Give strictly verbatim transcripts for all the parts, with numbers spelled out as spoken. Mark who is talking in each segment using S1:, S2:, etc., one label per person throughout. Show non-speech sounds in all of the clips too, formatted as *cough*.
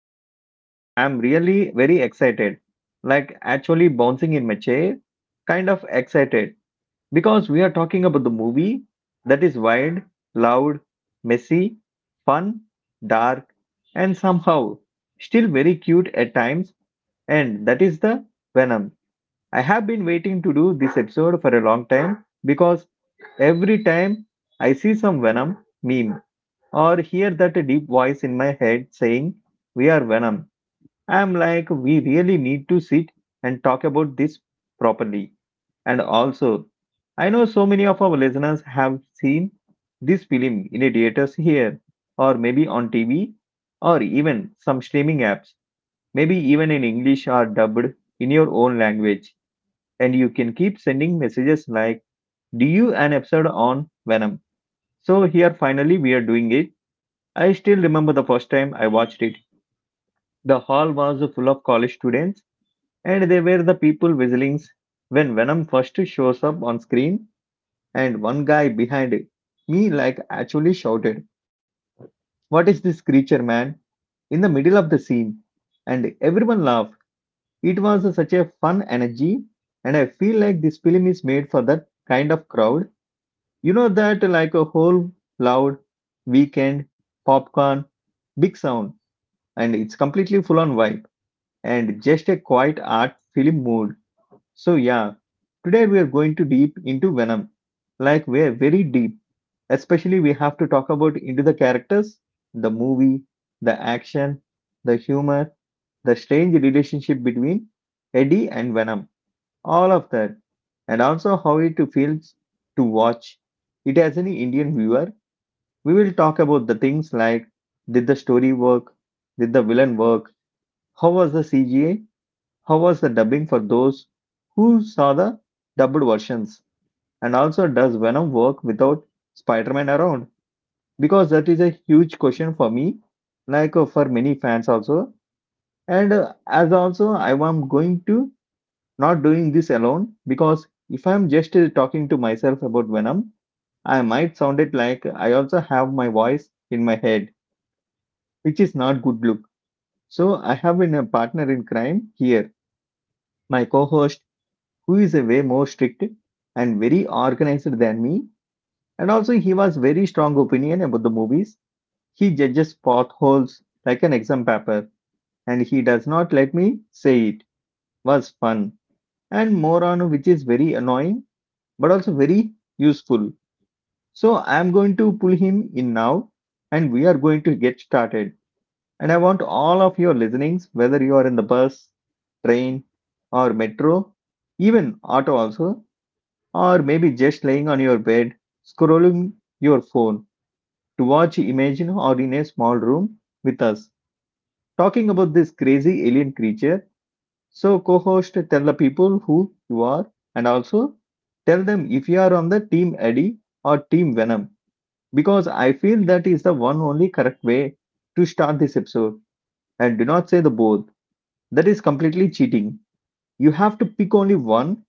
S1: and today I'm really very excited. Like actually bouncing in my chair, kind of excited because we are talking about the movie that is wild, loud, messy, fun, dark, and somehow still very cute at times, and that is the Venom. I have been waiting to do this episode for a long time because every time I see some Venom meme or hear that deep voice in my head saying, we are Venom. I'm like, we really need to sit and talk about this properly. And also, I know so many of our listeners have seen this film in a theaters here, or maybe on T V, or even some streaming apps, maybe even in English or dubbed in your own language. And you can keep sending messages like, do you an episode on Venom? So here finally we are doing it. I still remember the first time I watched it. The hall was full of college students, and they were the people whistling when Venom first shows up on screen. And one guy behind me, like, actually shouted, what is this creature, man? In the middle of the scene. And everyone laughed. It was such a fun energy, and I feel like this film is made for that kind of crowd. You know, that like a whole loud weekend, popcorn, big sound, and it's completely full on vibe. And just a quiet art film mood. So yeah, today we are going to deep into Venom. Like we are very deep. Especially we have to talk about into the characters, the movie, the action, the humor, the strange relationship between Eddie and Venom. All of that. And also how it feels to watch it as an Indian viewer. We will talk about the things like did the story work? Did the villain work? How was the C G A? How was the dubbing for those who saw the dubbed versions? And also, does Venom work without Spider Man around? Because that is a huge question for me, like uh, for many fans also. And uh, as also, I am going to not doing this alone because if I'm just uh, talking to myself about Venom, I might sound it like I also have my voice in my head, which is not good look. So I have been a partner in crime here, my co-host who is a way more strict and very organized than me. And also, he was very strong opinion about the movies. He judges potholes like an exam paper, and he does not let me say it. Was fun and more on which is very annoying, but also very useful. So I am going to pull him in now, and we are going to get started. And I want all of your listenings, whether you are in the bus, train, or metro, even auto also, or maybe just laying on your bed, scrolling your phone to watch Imagine or in a small room with us, talking about this crazy alien creature. So, co host, tell the people who you are and also tell them if you are on the team Eddie or team Venom, because I feel that is the one only correct way to start this episode. And do not say the both, that is completely cheating. You have to pick only one,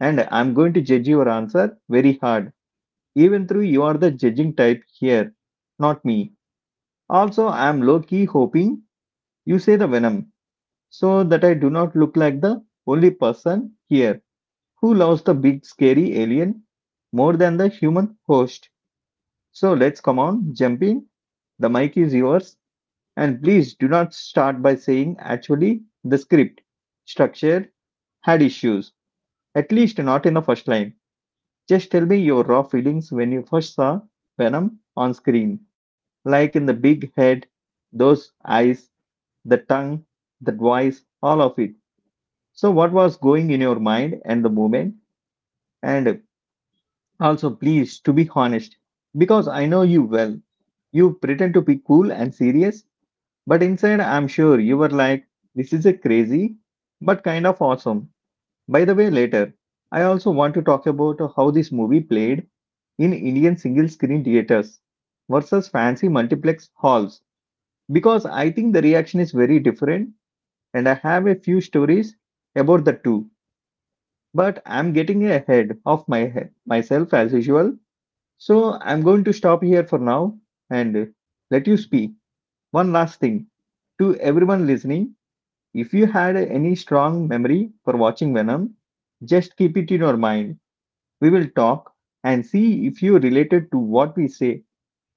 S1: and I'm going to judge your answer very hard. Even though you are the judging type here, not me. Also, I am low key hoping you say the venom so that I do not look like the only person here who loves the big scary alien more than the human host. So let's come on, jump in. The mic is yours. And please do not start by saying actually the script structure had issues, at least not in the first line. Just tell me your raw feelings when you first saw Venom on screen. Like in the big head, those eyes, the tongue, the voice, all of it. So, what was going in your mind and the moment? And also, please, to be honest, because I know you well, you pretend to be cool and serious, but inside, I'm sure you were like, this is a crazy, but kind of awesome. By the way, later, I also want to talk about how this movie played in Indian single screen theaters versus fancy multiplex halls because I think the reaction is very different, and I have a few stories about the two. But I'm getting ahead of my head, myself as usual, so I'm going to stop here for now and let you speak. One last thing to everyone listening: if you had any strong memory for watching Venom, just keep it in your mind. We will talk and see if you related to what we say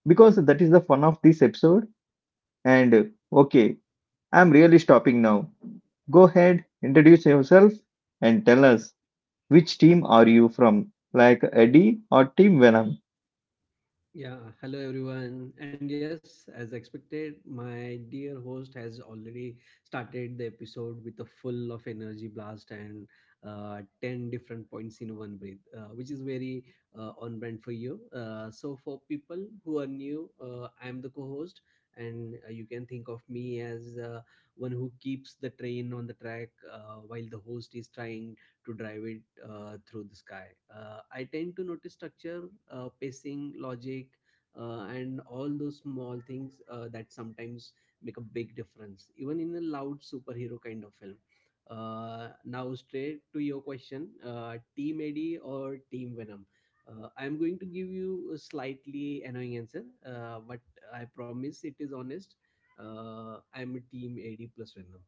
S1: because that is the fun of this episode. And okay, I'm really stopping now. Go ahead, introduce yourself and tell us which team are you from, like Eddie or Team Venom.
S2: Yeah, hello everyone. And yes, as expected, my dear host has already started the episode with a full of energy blast and uh, ten different points in one breath, uh, which is very uh, on brand for you. Uh, so, for people who are new, uh, I'm the co host, and uh, you can think of me as uh, one who keeps the train on the track uh, while the host is trying to drive it uh, through the sky. Uh, I tend to notice structure, uh, pacing, logic, uh, and all those small things uh, that sometimes make a big difference, even in a loud superhero kind of film. Uh, now, straight to your question, uh, Team Eddie or Team Venom? Uh, I'm going to give you a slightly annoying answer, uh, but I promise it is honest. Uh, I'm a Team A D plus Venom,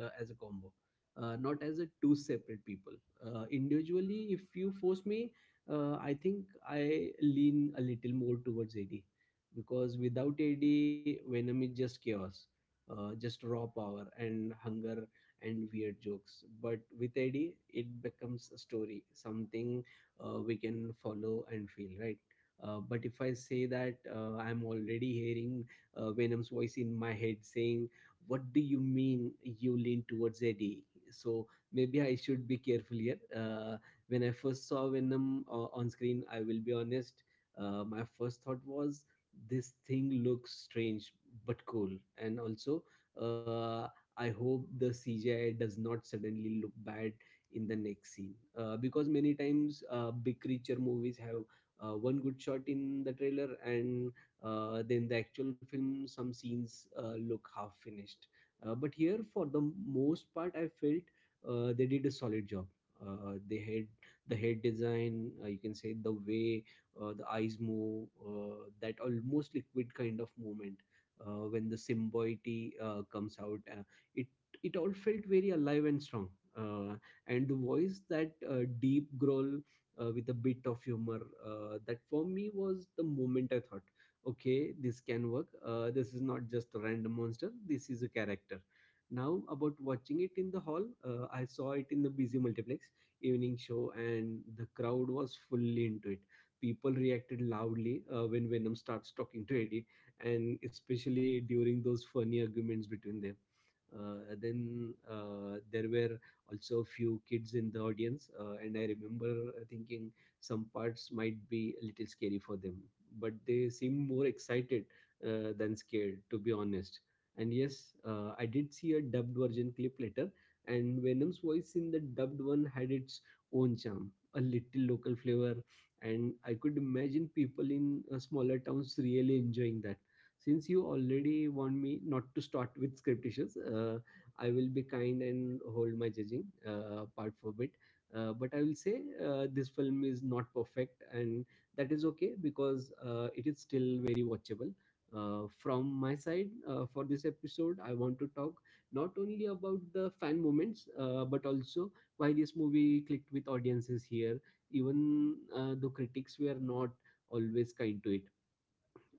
S2: uh, as a combo, uh, not as a two separate people. Uh, individually, if you force me, uh, I think I lean a little more towards AD, because without AD, Venom is just chaos, uh, just raw power and hunger and weird jokes. But with AD it becomes a story, something uh, we can follow and feel, right? Uh, but if I say that, uh, I'm already hearing, uh, Venom's voice in my head saying, "What do you mean you lean towards Eddie?" So maybe I should be careful here. Uh, when I first saw Venom uh, on screen, I will be honest. Uh, my first thought was, "This thing looks strange but cool," and also, uh, I hope the C G I does not suddenly look bad in the next scene, uh, because many times uh, big creature movies have uh, one good shot in the trailer, and uh, then the actual film, some scenes uh, look half finished. Uh, but here, for the most part, I felt uh, they did a solid job. Uh, they had the head design, uh, you can say, the way uh, the eyes move, uh, that almost liquid kind of movement uh, when the symbiote uh, comes out. uh, it it all felt very alive and strong. Uh, and the voice, that uh, deep growl uh, with a bit of humor, uh, that for me was the moment I thought, okay, this can work. Uh, this is not just a random monster, this is a character. Now, about watching it in the hall, uh, I saw it in the busy multiplex evening show, and the crowd was fully into it. People reacted loudly uh, when Venom starts talking to Eddie, and especially during those funny arguments between them. Uh, then uh, there were also a few kids in the audience, uh, and I remember thinking some parts might be a little scary for them, but they seemed more excited uh, than scared, to be honest. And yes, uh, I did see a dubbed version clip later, and Venom's voice in the dubbed one had its own charm, a little local flavor, and I could imagine people in uh, smaller towns really enjoying that. Since you already want me not to start *laughs* with script issues, uh, I will be kind and hold my judging uh, part for a bit, uh, but I will say, uh, this film is not perfect, and that is okay, because uh, it is still very watchable. Uh, from my side, uh, for this episode, I want to talk not only about the fan moments, uh, but also why this movie clicked with audiences here, even uh, though critics were not always kind to it.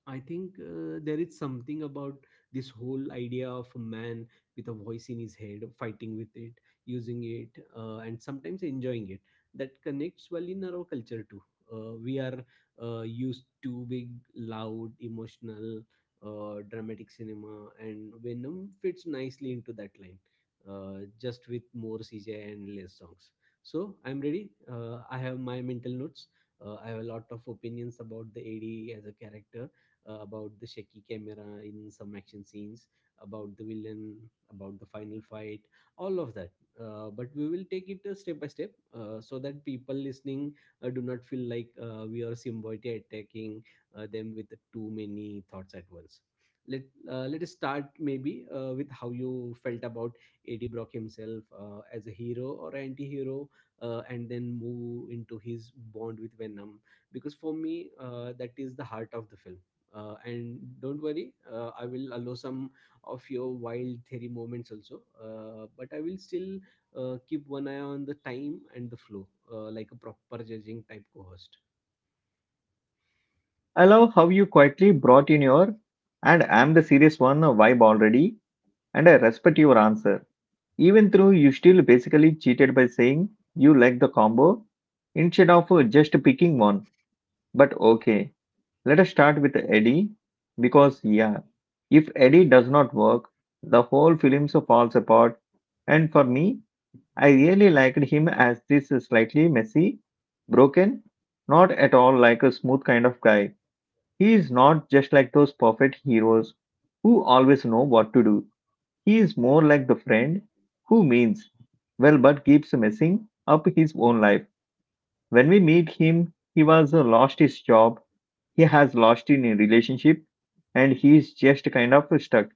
S2: I think uh, there is something about this whole idea of a man with a voice in his head, fighting with it, using it, uh, and sometimes enjoying it, that connects well in our culture too. Uh, we are uh, used to big, loud, emotional, uh, dramatic cinema, and Venom fits nicely into that line, uh, just with more C J and less songs. So I'm ready. Uh, I have my mental notes. Uh, I have a lot of opinions about the A D as a character, uh, about the shaky camera in some action scenes, about the villain, about the final fight, all of that. Uh, but we will take it uh, step by step, uh, so that people listening uh, do not feel like uh, we are symbiotically attacking uh, them with too many thoughts at once. Let uh, let us start, maybe uh, with how you felt about A D Brock himself, uh, as a hero or anti-hero, uh, and then move into his bond with Venom, because for me, uh, that is the heart of the film. Uh, and don't worry, uh, I will allow some of your wild theory moments also, uh, but I will still uh, keep one eye on the time and the flow, uh, like a proper judging type co-host.
S1: I love how you quietly brought in your and I'm the serious one vibe already, and I respect your answer. Even though you still basically cheated by saying you like the combo instead of just picking one.
S2: *laughs*
S1: But okay, let us start with Eddie because, yeah, if Eddie does not work, the whole film so falls apart. And for me, I really liked him as this slightly messy, broken, not at all like a smooth kind of guy. He is not just like those perfect heroes who always know what to do. He is more like the friend who means well but keeps messing up his own life. When we meet him, he was uh, lost his job, he has lost in a relationship, and he is just kind of stuck.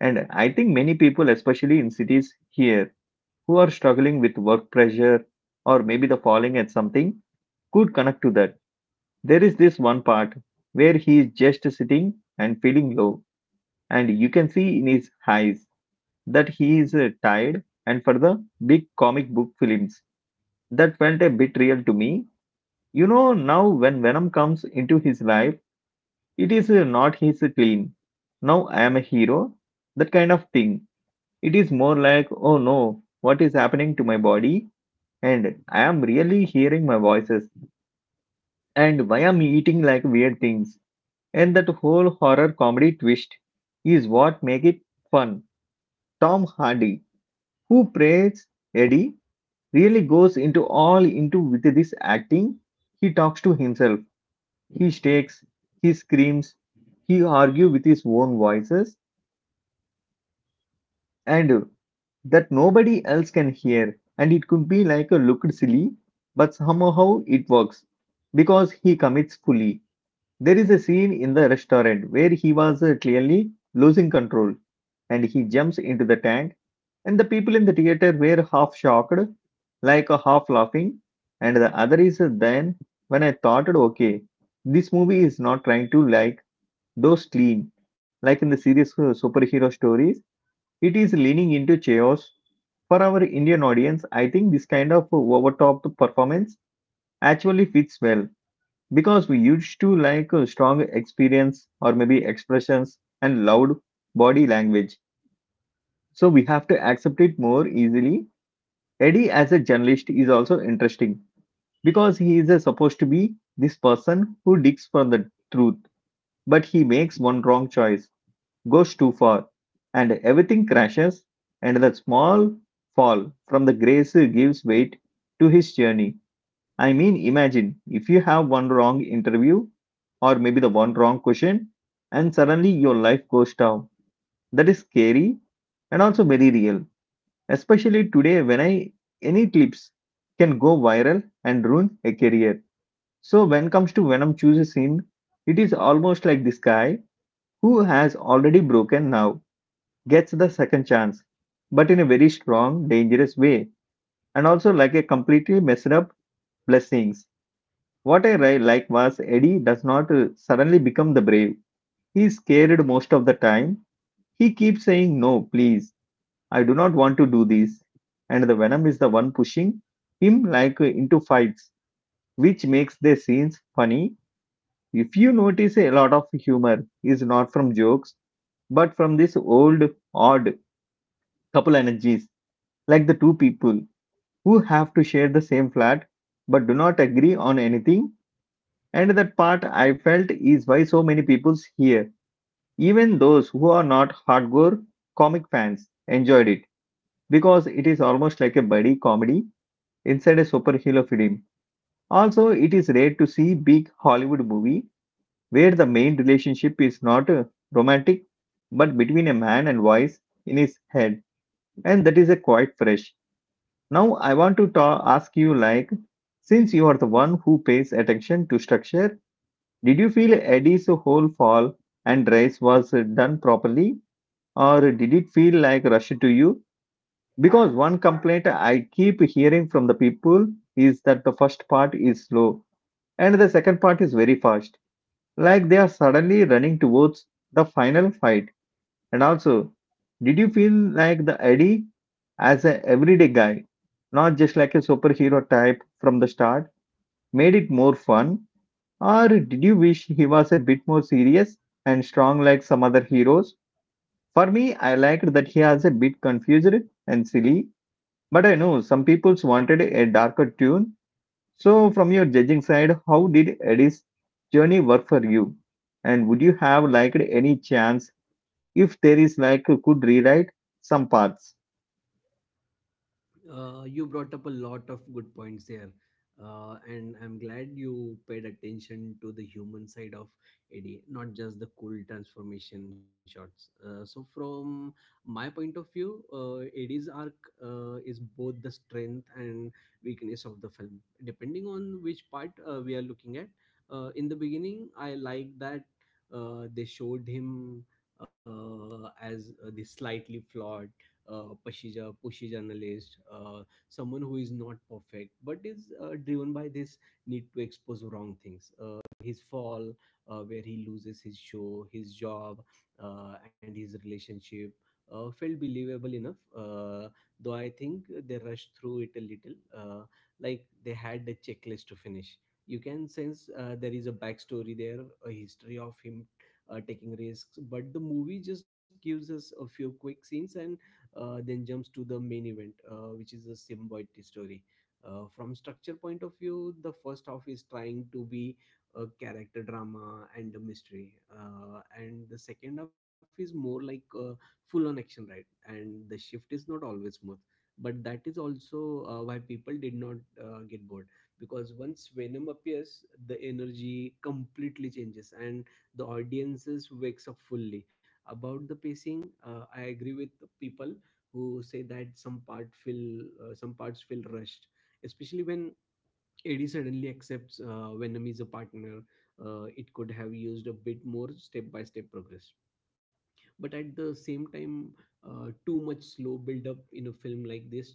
S1: And I think many people, especially in cities here, who are struggling with work pressure or maybe the falling at something, could connect to that. There is this one part where he is just sitting and feeling low, and you can see in his eyes that he is uh, tired. And for the big comic book films, that felt a bit real to me. You know, now when Venom comes into his life, it is uh, not his clean. Now I am a hero, that kind of thing. It is more like, oh no, what is happening to my body? And I am really hearing my voices. And why am I eating like weird things? And that whole horror comedy twist is what make it fun. Tom Hardy, who plays Eddie, really goes into all into with this acting. He talks to himself. He shakes, he screams, he argues with his own voices and that nobody else can hear. And it could be like a looked silly, but somehow it works because he commits fully. There is a scene in the restaurant where he was uh, clearly losing control and he jumps into the tank and the people in the theater were half shocked like a half laughing and the other is uh, then when I thought okay this movie is not trying to like though clean, like in the serious uh, superhero stories, it is leaning into chaos. For our Indian audience, I think this kind of overtop performance actually fits well because we used to like uh, strong experience or maybe expressions and loud body language. So we have to accept it more easily. Eddie, as a journalist, is also interesting because he is uh, supposed to be this person who digs for the truth, but he makes one wrong choice goes too far and everything crashes, and the small fall from the grace gives weight to his journey. I mean, imagine if you have one wrong interview or maybe the one wrong question, and suddenly your life goes down. That is scary and also very real, especially today when I any clips can go viral and ruin a career. So when comes to Venom chooses him, it is almost like this guy who has already broken now gets the second chance, but in a very strong, dangerous way, and also like a completely messed up blessings. What I ri- like was Eddie does not uh, suddenly become the brave. He is scared most of the time. He keeps saying, no, please, I do not want to do this. And the Venom is the one pushing him like uh, into fights, which makes the scenes funny. If you notice, a lot of humor is not from jokes, but from this old, odd couple energies, like the two people who have to share the same flat but do not agree on anything. And that part I felt is why so many people's here, even those who are not hardcore comic fans, enjoyed it because it is almost like a buddy comedy inside a superhero film. Also, it is rare to see big Hollywood movie where the main relationship is not uh, romantic but between a man and voice in his head, and that is a quite fresh. Now, I want to ta- ask you like, since you are the one who pays attention to structure, did you feel Eddie's whole fall and race was uh, done properly, or did it feel like rushed to you? Because one complaint I keep hearing from the people is that the first part is slow and the second part is very fast, like they are suddenly running towards the final fight. And also, did you feel like the Eddie as an everyday guy, not just like a superhero type from the start, made it more fun? Or did you wish he was a bit more serious and strong like some other heroes? For me, I liked that he was a bit confused and silly, but I know some people's wanted a darker tune. So, from your judging side, how did Eddie's journey work for you? And would you have liked any chance if there is like could rewrite some parts.
S2: Uh, you brought up a lot of good points there, uh, and I'm glad you paid attention to the human side of Eddie, not just the cool transformation shots. Uh, so, from my point of view, uh, Eddie's arc uh, is both the strength and weakness of the film, depending on which part uh, we are looking at. Uh, in the beginning, I like that uh, they showed him uh, as uh, the slightly flawed, uh, Pasija, pushy journalist, uh, someone who is not perfect, but is uh, driven by this need to expose wrong things. Uh, his fall, uh, where he loses his show, his job, uh, and his relationship, Uh, felt believable enough, uh, though I think they rushed through it a little, uh, like they had the checklist to finish. You can sense uh, there is a backstory there, a history of him uh, taking risks, but the movie just gives us a few quick scenes, and uh, then jumps to the main event, uh, which is the Simboid story. Uh, from structure point of view, the first half is trying to be a character drama and a mystery, uh, and the second half is more like uh, full on action, right? And the shift is not always smooth, but that is also uh, why people did not uh, get bored, because once Venom appears, the energy completely changes and the audiences wakes up fully. About the pacing, uh, I agree with people who say that some part feel uh, some parts feel rushed, especially when Eddie suddenly accepts uh, Venom is a partner. Uh, it could have used a bit more step by step progress, but at the same time, uh, too much slow build up in a film like this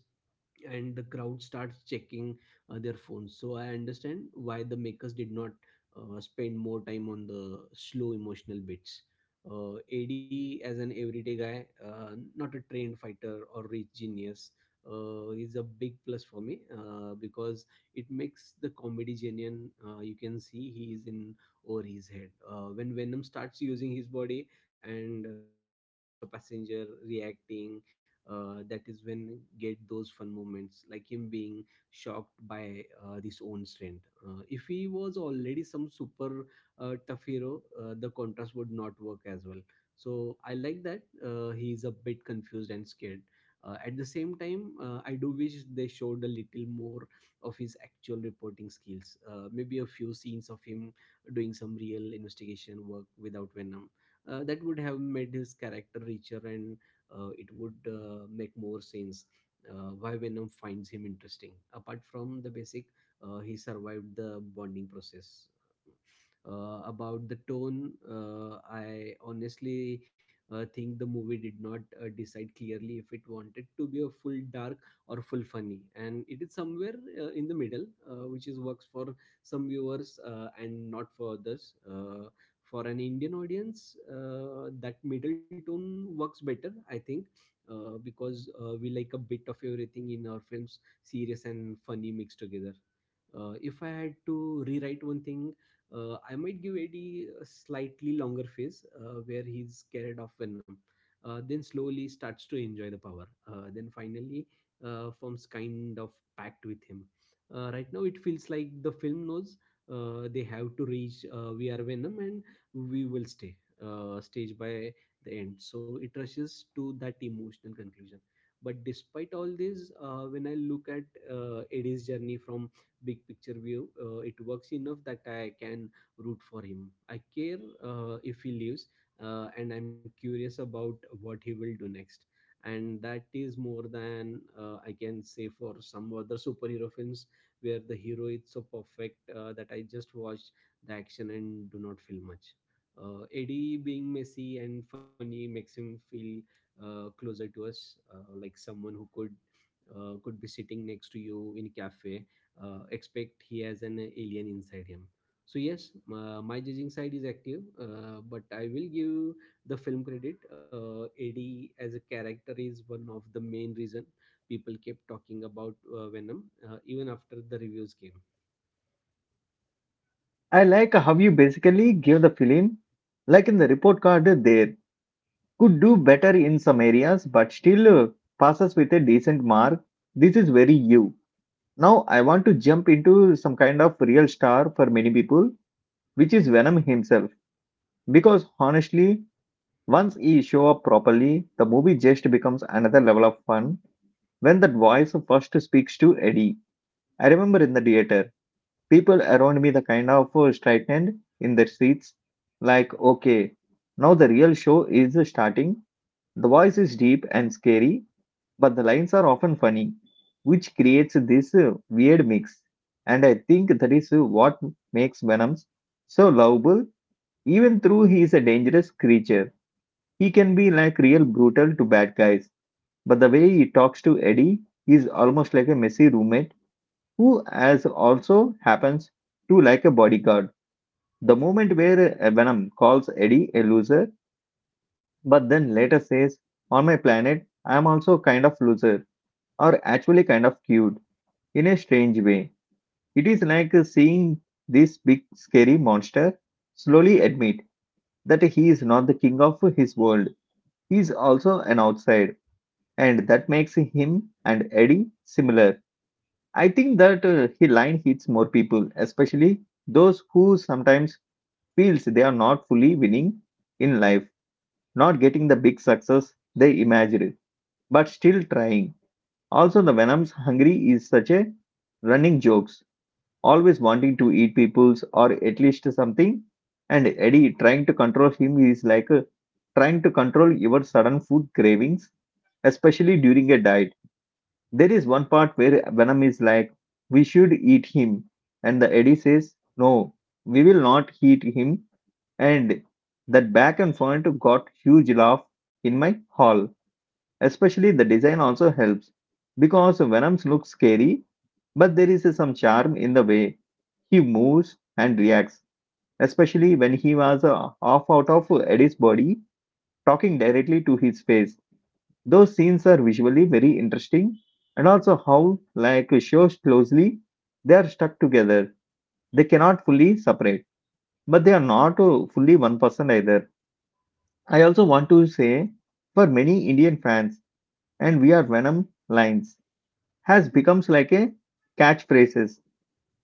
S2: and the crowd starts checking uh, their phones, so I understand why the makers did not uh, spend more time on the slow emotional bits. uh, AD as an everyday guy, uh, not a trained fighter or rich genius, uh, is a big plus for me, uh, because it makes the comedy genuine. Uh, you can see he is in over his head uh, when Venom starts using his body, and uh, he is just a passenger reacting. Uh, that is when get those fun moments, like him being shocked by uh, his own strength. Uh, if he was already some super uh, tough hero, uh, the contrast would not work as well. So I like that uh, he is a bit confused and scared. Uh, at the same time, uh, I do wish they showed a little more of his actual reporting skills, uh, maybe a few scenes of him doing some real investigation work without Venom. Uh, that would have made his character richer, and uh, it would uh, make more sense uh, why Venom finds him interesting. Apart from the basic, uh, he survived the bonding process. Uh, about the tone, uh, I honestly uh, think the movie did not uh, decide clearly if it wanted to be a full dark or full funny, and it is somewhere uh, in the middle, uh, which is works for some viewers uh, and not for others. Uh, for an indian audience uh, that middle tone works better, I think, uh, because uh, we like a bit of everything in our films, serious and funny mixed together. Uh, if I had to rewrite one thing, uh, I might give Eddie a slightly longer phase uh, where he's scared of Venom, uh, then slowly starts to enjoy the power, uh, then finally uh, forms kind of pact with him. Uh, right now it feels like the film knows uh, they have to reach uh, "we are Venom and we will stay" uh, stage by the end, so it rushes to that emotional conclusion. But despite all this, uh, when I look at uh, Eddie's journey from big picture view, uh, it works enough that I can root for him. I care uh, if he leaves, uh, and I'm curious about what he will do next, and that is more than uh, I can say for some other superhero films where the hero is so perfect uh, that I just watch the action and do not feel much. uh, Eddie being messy and funny makes him feel uh, closer to us, uh, like someone who could uh, could be sitting next to you in cafe. Uh, expect he has an alien inside him. So yes, uh, my judging side is active, uh, but I will give the film credit. Uh, Eddie as a character is one of the main reason people kept talking about uh, Venom, uh, even after the reviews came.
S1: I like how you basically give the film like in the report card there could do better in some areas but still uh, passes with a decent mark. This is very you. Now I want to jump into some kind of real star for many people, which is Venom himself, because honestly once he show up properly the movie just becomes another level of fun when that voice first speaks to Eddie. I remember in the theater people around me the kind of uh, straightened in their seats like okay, now the real show is starting. The voice is deep and scary but the lines are often funny, which creates this uh, weird mix, and I think that is uh, what makes Venom so lovable. Even though he is a dangerous creature he can be like real brutal to bad guys, but the way he talks to Eddie, he is almost like a messy roommate who, as also happens, to like a bodyguard. The moment where uh, Venom calls Eddie a loser, but then later says, "On my planet, I am also kind of loser," or actually kind of cute, in a strange way. It is like uh, seeing this big scary monster slowly admit that he is not the king of his world. He is also an outside, and that makes him and Eddie similar. I think that uh, he line hits more people, especially those who sometimes feels they are not fully winning in life, not getting the big success they imagined, but still trying. Also, the Venom's hungry is such a running jokes, always wanting to eat people's or at least something. And Eddie trying to control him is like uh, trying to control your sudden food cravings, especially during a diet. There is one part where Venom is like, "We should eat him," and the Eddie says, "No, we will not eat him." And that back and forth got huge laugh in my hall. Especially the design also helps because Venoms looks scary, but there is some charm in the way he moves and reacts, especially when he was uh, half out of Eddie's body, talking directly to his face. Those scenes are visually very interesting, and also how, like, shows closely, they are stuck together. They cannot fully separate, but they are not uh, fully one person either. I also want to say for many Indian fans, and we are Venom lines. Has becomes like a catchphrases.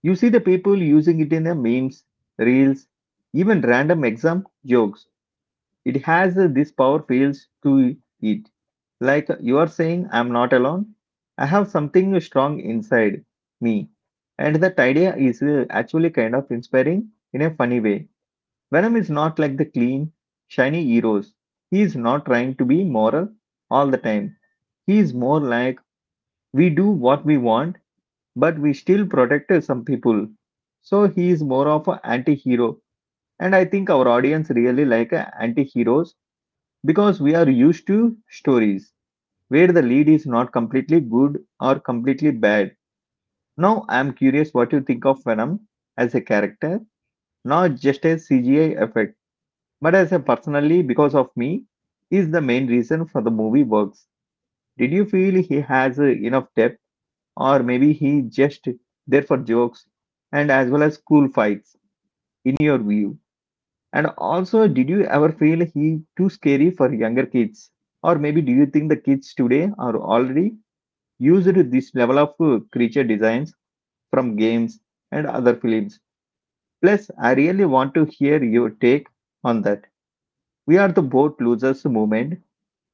S1: You see the people using it in the memes, reels, even random exam jokes. It has uh, this power feels to it. Like you are saying, I'm not alone. I have something strong inside me. And that idea is uh, actually kind of inspiring in a funny way. Venom is not like the clean, shiny heroes. He is not trying to be moral all the time. He is more like, we do what we want but we still protected some people. So he is more of an anti-hero, and I think our audience really like uh, anti-heroes because we are used to stories where the lead is not completely good or completely bad. Now I am curious what you think of Venom as a character, not just a C G I effect, but as a personally because of me is the main reason for the movie works. Did you feel he has uh, enough depth, or maybe he just there for jokes and as well as cool fights in your view? And also, did you ever feel he too scary for younger kids, or maybe do you think the kids today are already used to this level of uh, creature designs from games and other films? Plus, I really want to hear your take on that we are the boat losers movement,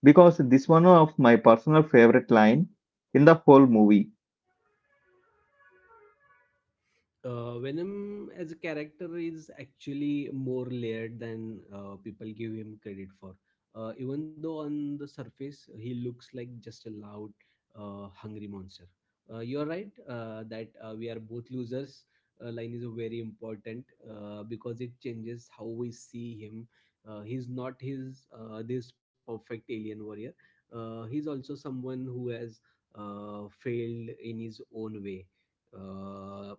S1: because this one of my personal favorite line in the whole movie.
S2: uh, Venom as a character is actually more layered than uh, people give him credit for, Uh, even though on the surface he looks like just a loud, uh, hungry monster. Uh, you're right uh, that uh, "we are both losers" Uh, line is very important uh, because it changes how we see him. Uh, he's not his uh, this perfect alien warrior. Uh, he's also someone who has uh, failed in his own way. Uh,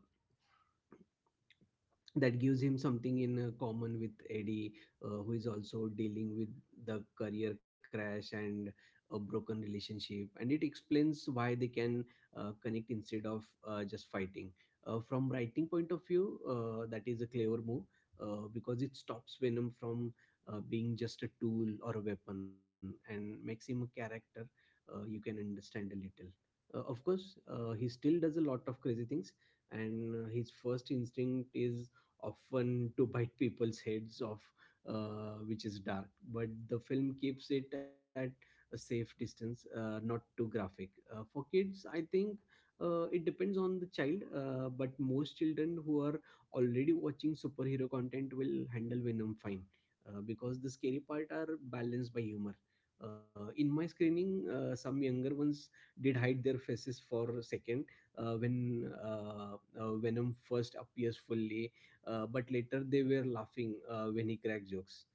S2: that gives him something in uh, common with Eddie, uh, who is also dealing with the career crash and a broken relationship. And it explains why they can uh, connect instead of uh, just fighting. Uh, from writing point of view, uh, that is a clever move uh, because it stops Venom from uh, being just a tool or a weapon and makes him a character uh, you can understand a little. Uh, of course, uh, he still does a lot of crazy things, and uh, his first instinct is often to bite people's heads off, uh, which is dark. But the film keeps it at a safe distance, uh, not too graphic. Uh, for kids, I think uh, it depends on the child, uh, but most children who are already watching superhero content will handle Venom fine uh, because the scary part are balanced by humor. Uh, in my screening, uh, some younger ones did hide their faces for a second uh, when uh, uh, Venom first appears fully, uh, but later they were laughing uh, when he cracked jokes.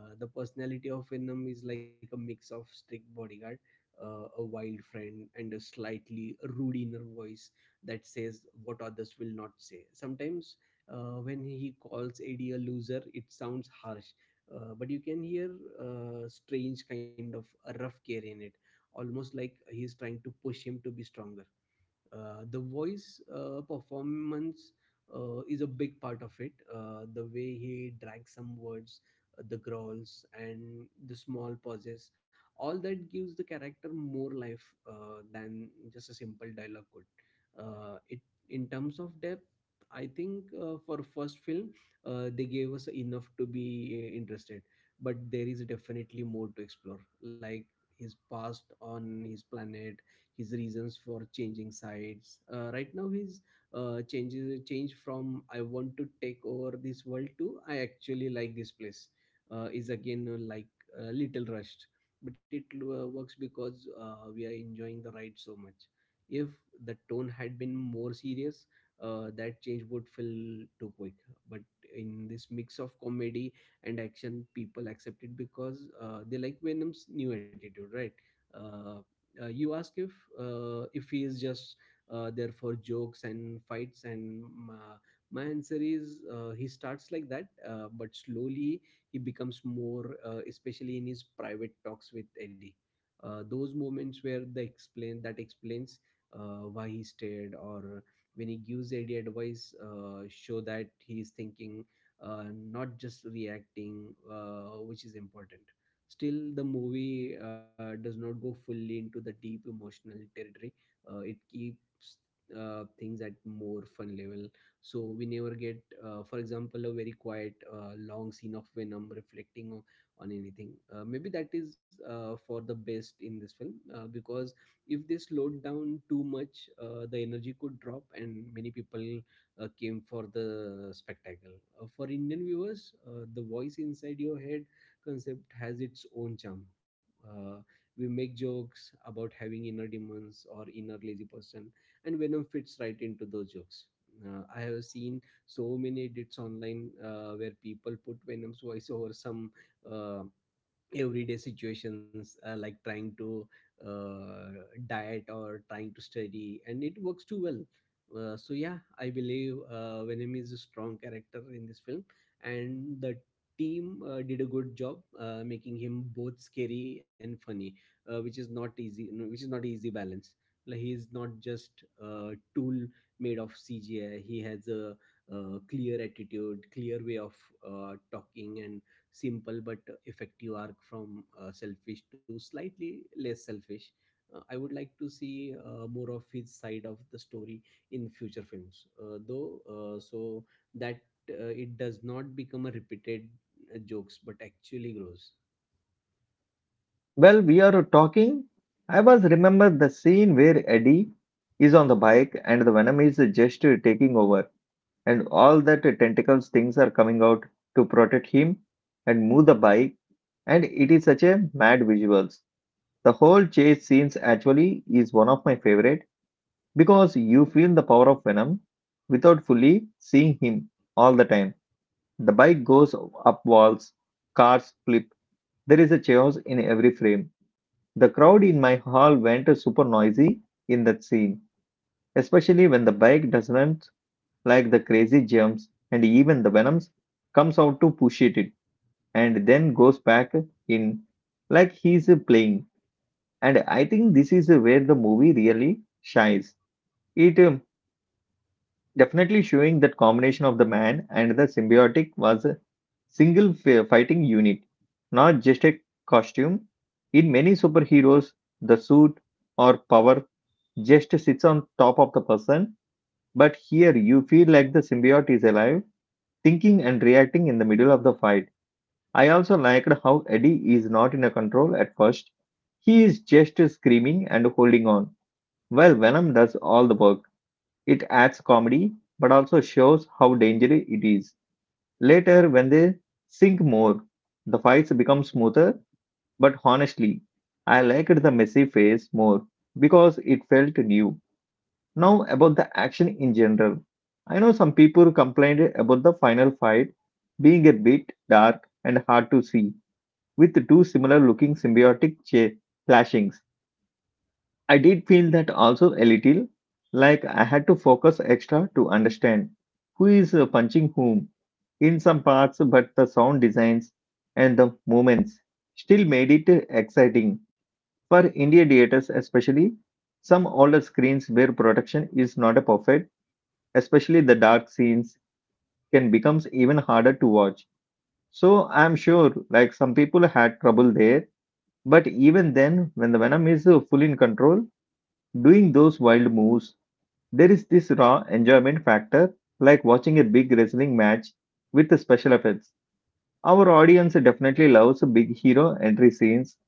S2: Uh, the personality of Venom is like a mix of strict bodyguard, uh, a wild friend, and a slightly rude inner voice that says what others will not say. Sometimes uh, when he calls Eddie a loser, it sounds harsh, uh, but you can hear a strange kind of a rough care in it, almost like he's trying to push him to be stronger. Uh, the voice uh, performance uh, is a big part of it. Uh, the way he drags some words, uh, the growls and the small pauses, all that gives the character more life uh, than just a simple dialogue could. Uh, it In terms of depth, I think, uh, for first film, uh, they gave us enough to be uh, interested, but there is definitely more to explore, like his past on his planet, his reasons for changing sides. Uh, right now, he's uh, changes change from "I want to take over this world" to "I actually like this place." Uh, is again uh, like a little rushed, but it uh, works because uh, we are enjoying the ride so much. If the tone had been more serious, uh, that change would feel too quick. But in this mix of comedy and action, people accept it because uh, they like Venom's new attitude, right? Uh, uh, you ask if uh, if he is just uh, there for jokes and fights and um, uh, my answer is uh, he starts like that, uh, but slowly he becomes more, uh, especially in his private talks with Eddie. Uh, those moments where the explain that explains uh, why he stayed, or when he gives Eddie advice, uh, show that he is thinking, uh, not just reacting, uh, which is important. Still, the movie uh, does not go fully into the deep emotional territory. Uh, it keeps uh, things at more fun level. So we never get, uh, for example, a very quiet, uh, long scene of Venom reflecting on, on anything. Uh, maybe that is uh, for the best in this film uh, because if they slowed down too much, uh, the energy could drop, and many people uh, came for the spectacle. Uh, for Indian viewers, uh, the voice inside your head concept has its own charm. Uh, we make jokes about having inner demons or inner lazy person, and Venom fits right into those jokes. Uh, I have seen so many edits online uh, where people put Venom's voice over some uh, everyday situations, uh, like trying to uh, diet or trying to study, and it works too well. Uh, so yeah, I believe uh, Venom is a strong character in this film, and the team uh, did a good job uh, making him both scary and funny, uh, which is not easy no, which is not easy balance. Like he is not just a tool made of CGI. He has a, uh clear attitude, clear way of uh, talking, and simple but effective arc from uh, selfish to slightly less selfish. Uh, I would like to see uh, more of his side of the story in future films, uh, though, uh, so that uh, it does not become a repeated uh, jokes but actually grows.
S1: Well, we are talking. I was remember the scene where Eddie is on the bike and the Venom is just taking over, and all that tentacles things are coming out to protect him and move the bike. And it is such a mad visuals. The whole chase scenes actually is one of my favorite because you feel the power of Venom without fully seeing him all the time. The bike goes up walls, cars flip. There is a chaos in every frame. The crowd in my hall went super noisy in that scene, especially when the bike doesn't like the crazy jumps and even the Venoms comes out to push it and then goes back in like he's playing. And I think this is where the movie really shines. It um, definitely showing that combination of the man and the symbiotic was a single fi- fighting unit, not just a costume. In many superheroes, the suit or power just sits on top of the person, but here you feel like the symbiote is alive, thinking and reacting in the middle of the fight. I also liked how Eddie is not in a control at first. He is just screaming and holding on, while Venom does all the work. It adds comedy, but also shows how dangerous it is. Later, when they sync more, the fights become smoother, but honestly, I liked the messy phase more because it felt new. Now, about the action in general. I know some people complained about the final fight being a bit dark and hard to see, with two similar looking symbiotic cha- clashings. I did feel that also a little, like I had to focus extra to understand who is uh, punching whom in some parts, but the sound designs and the movements still made it exciting. For India theaters, especially, some older screens where production is not a perfect, especially the dark scenes, can becomes even harder to watch. So I'm sure like some people had trouble there, but even then when the Venom is uh, fully in control doing those wild moves, there is this raw enjoyment factor, like watching a big wrestling match with the special effects. Our audience definitely loves big hero entry scenes,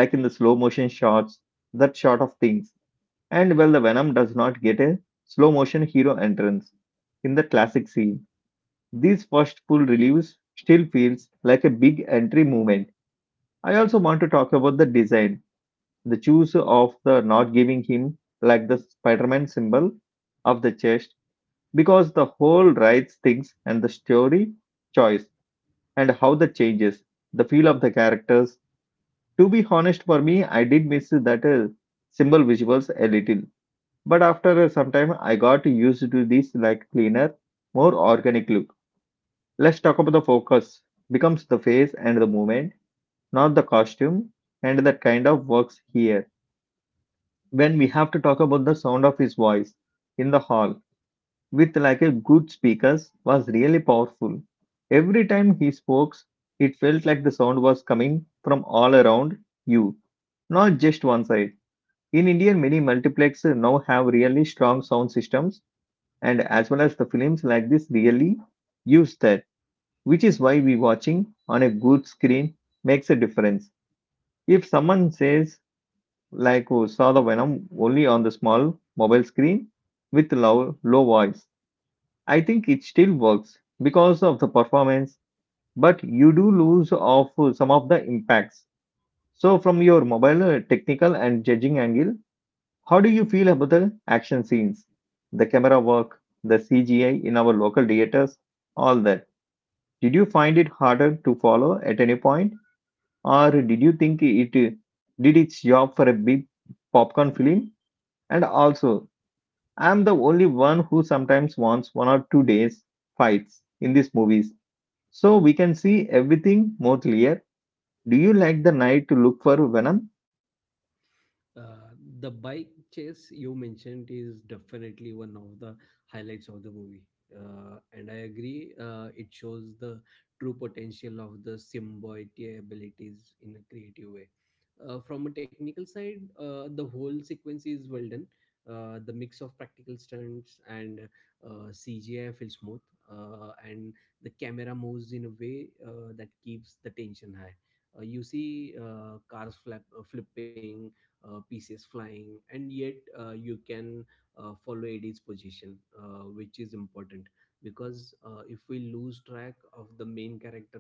S1: like in the slow motion shots, that sort of things. And well, the Venom does not get a slow motion hero entrance in the classic scene. This first full release still feels like a big entry movement. I also want to talk about the design, the choice of the not giving him like the Spider-Man symbol of the chest, because the whole rights things and the story choice and how the changes, the feel of the characters. To be honest, for me, I did miss that uh, symbol visuals a little, but after some time, I got used to this like cleaner, more organic look. Let's talk about the focus. Becomes the face and the movement, not the costume, and that kind of works here. When we have to talk about the sound of his voice in the hall, with like a good speakers, was really powerful. Every time he spoke, it felt like the sound was coming from all around you, not just one side. In India, many multiplexes now have really strong sound systems, and as well as the films like this really use that. Which is why we watching on a good screen makes a difference. If someone says like who saw the Venom only on the small mobile screen with low low voice, I think it still works because of the performance, but you do lose of some of the impacts. So from your mobile uh, technical and judging angle, how do you feel about the action scenes, the camera work, the C G I in our local theaters, all that? Did you find it harder to follow at any point? Or did you think it did its job for a big popcorn film? And also, I'm the only one who sometimes wants one or two days fights in these movies, so we can see everything more clear. Do you like the night to look for Venom?
S2: Uh, the bike chase you mentioned is definitely one of the highlights of the movie. Uh, and I agree, uh, it shows the true potential of the symbiote abilities in a creative way. Uh, from a technical side, uh, the whole sequence is well done. Uh, the mix of practical stunts and uh, C G I feels smooth, uh, and the camera moves in a way uh, that keeps the tension high. Uh, you see uh, cars flap, uh, flipping, uh, pieces flying, and yet uh, you can uh, follow A D's position, uh, which is important because uh, if we lose track of the main character,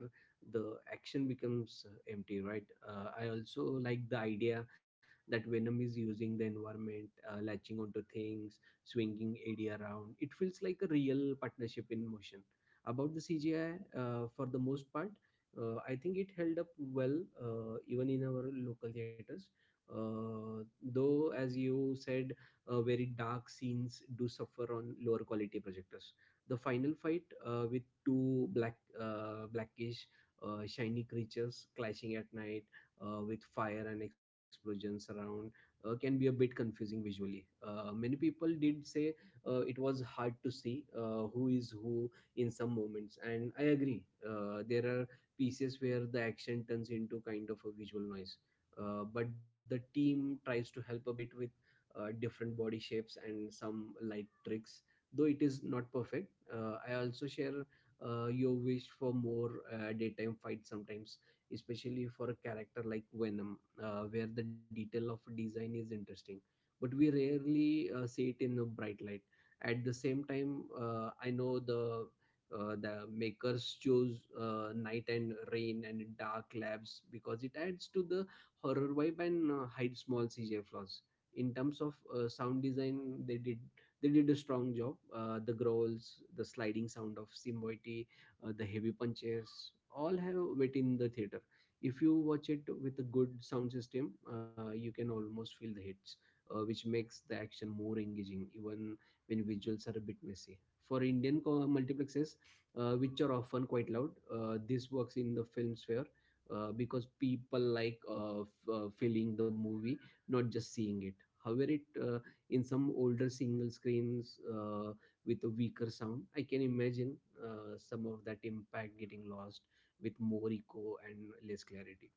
S2: the action becomes uh, empty, right? uh, I also like the idea that Venom is using the environment, uh, latching onto things, swinging AD around. It feels like a real partnership in motion. About the CGI, uh, for the most part, uh, I think it held up well, uh, even in our local theaters, uh, though as you said, uh, very dark scenes do suffer on lower quality projectors. The final fight, uh, with two black uh, blackish, uh, shiny creatures clashing at night, uh, with fire and explosions around, uh, can be a bit confusing visually. Uh, many people did say uh, it was hard to see uh, who is who in some moments, and I agree, uh, there are pieces where the action turns into kind of a visual noise, uh, but the team tries to help a bit with uh, different body shapes and some light tricks, though it is not perfect. uh, I also share uh, your wish for more uh, daytime fights sometimes, especially for a character like Venom, uh, where the detail of design is interesting but we rarely uh, see it in a bright light. At the same time, uh, I know the uh, the makers chose uh, night and rain and dark labs because it adds to the horror vibe and uh, hide small C G I flaws. In terms of uh, sound design, they did they did a strong job. Uh, the growls, the sliding sound of Simboity, uh, the heavy punches, all have weight in the theater. If you watch it with a good sound system, uh, you can almost feel the hits, uh, which makes the action more engaging, even when visuals are a bit messy. For Indian co- multiplexes, uh, which are often quite loud. Uh, this works in the film sphere, uh, because people like uh, f- uh, feeling the movie, not just seeing it. However, it uh, in some older single screens, uh, with a weaker sound, I can imagine uh, some of that impact getting lost, with more echo and less clarity.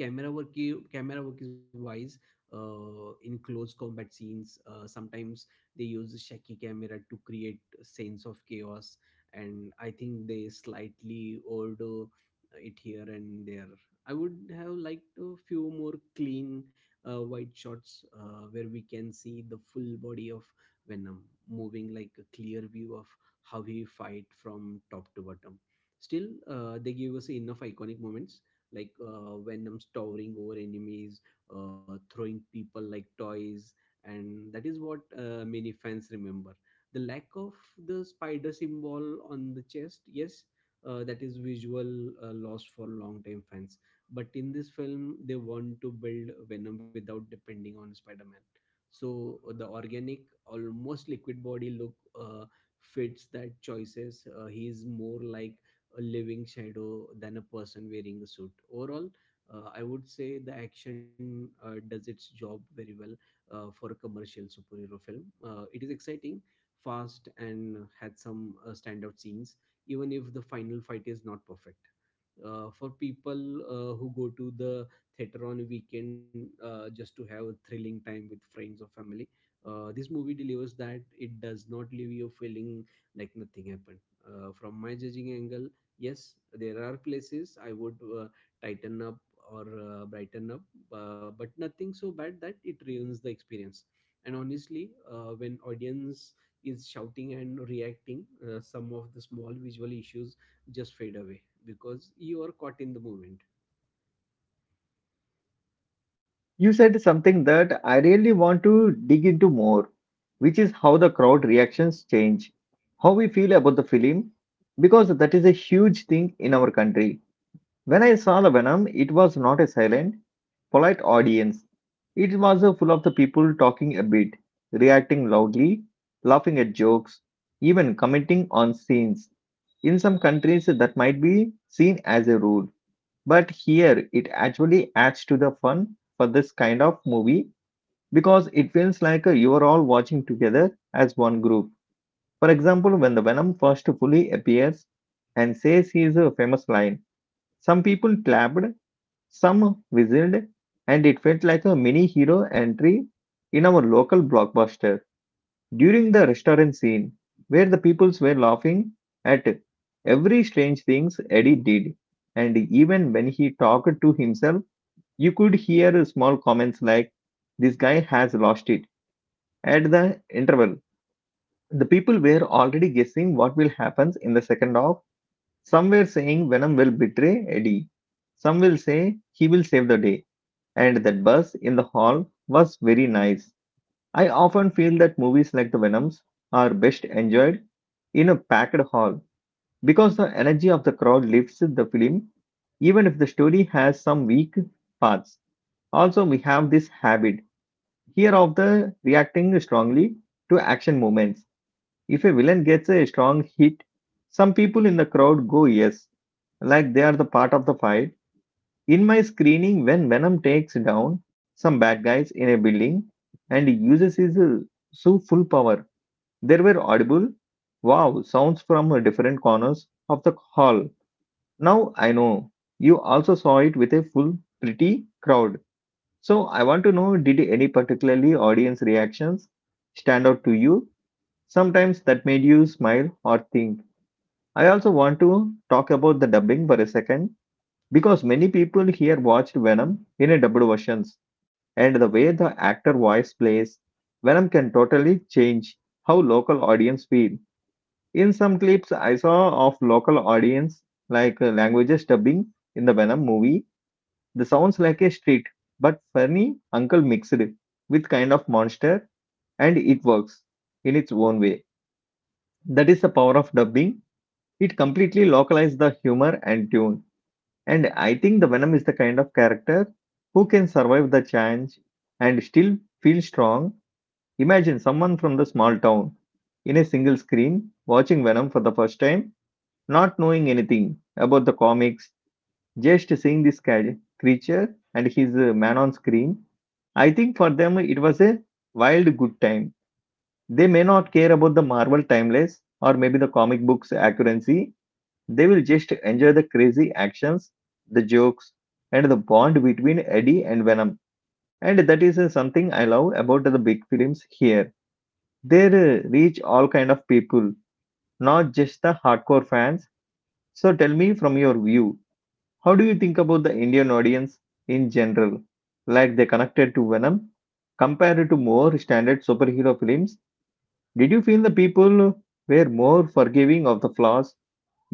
S2: camera work i- Camera work is wise. Uh, in close combat scenes, uh, sometimes they use a shaky camera to create a sense of chaos, and I think they slightly overdo it here and there. I would have liked a few more clean, uh, wide shots, uh, where we can see the full body of Venom moving, like a clear view of how he fight from top to bottom. Still, uh, they give us enough iconic moments, like uh, Venom towering over enemies, uh, throwing people like toys. And that is what uh, many fans remember. The lack of the spider symbol on the chest, yes, uh, that is visual, uh, loss for long time fans. But in this film they want to build Venom without depending on Spider-Man. So uh, the organic, almost liquid body look, uh, fits that choices. Uh, he is more like a living shadow than a person wearing a suit. Overall, uh, I would say the action uh, does its job very well uh, for a commercial superhero film. Uh, it is exciting, fast, and had some uh, standout scenes, even if the final fight is not perfect. Uh, for people uh, who go to the theater on a weekend, uh, just to have a thrilling time with friends or family, uh, this movie delivers that. It does not leave you feeling like nothing happened. Uh, from my judging angle, yes, there are places I would uh, tighten up or uh, brighten up, uh, but nothing so bad that it ruins the experience. And honestly, uh, when audience is shouting and reacting, uh, some of the small visual issues just fade away because you are caught in the moment.
S1: You said something that I really want to dig into more, which is how the crowd reactions change, how we feel about the film, because that is a huge thing in our country. When I saw the Venom, it was not a silent, polite audience. It was uh, full of the people talking a bit, reacting loudly, laughing at jokes, even commenting on scenes. In some countries, that might be seen as a rule, but here it actually adds to the fun for this kind of movie because it feels like uh, you are all watching together as one group. For example, when the Venom first fully appears and says his uh, famous line, some people clapped, some whistled, and it felt like a mini hero entry in our local blockbuster during the restaurant scene, where the peoples were laughing at every strange things Eddie did. And even when he talked to himself, you could hear small comments like, "This guy has lost it." At the interval, the people were already guessing what will happen in the second half. Some were saying Venom will betray Eddie. Some will say he will save the day, and that buzz in the hall was very nice. I often feel that movies like The Venoms are best enjoyed in a packed hall because the energy of the crowd lifts the film, even if the story has some weak parts. Also, we have this habit here of the reacting strongly to action moments. If a villain gets a strong hit, some people in the crowd go yes, like they are the part of the fight. In my screening, when Venom takes down some bad guys in a building and uses his uh, su- full power, there were audible wow sounds from uh, different corners of the hall. Now I know you also saw it with a full, pretty crowd. So I want to know, did any particularly audience reactions stand out to you? Sometimes that made you smile or think. I also want to talk about the dubbing for a second because many people here watched Venom in a dubbed versions, and the way the actor voice plays, Venom can totally change how local audience feel. In some clips I saw of local audience like uh, languages dubbing in the Venom movie, the sounds like a street but funny uncle mixed with kind of monster, and it works in its own way. That is the power of dubbing. It completely localizes the humor and tune. And I think the Venom is the kind of character who can survive the challenge and still feel strong. Imagine someone from the small town in a single screen watching Venom for the first time, not knowing anything about the comics, just seeing this ca- creature and his uh, man on screen. I think for them it was a wild good time. They may not care about the Marvel timeless or maybe the comic books accuracy, they will just enjoy the crazy actions, the jokes, and the bond between Eddie and Venom. And that is uh, something I love about the big films here. They uh, reach all kind of people, not just the hardcore fans. So tell me from your view, how do you think about the Indian audience in general? Like they connected to Venom compared to more standard superhero films? Did you feel the people were more forgiving of the flaws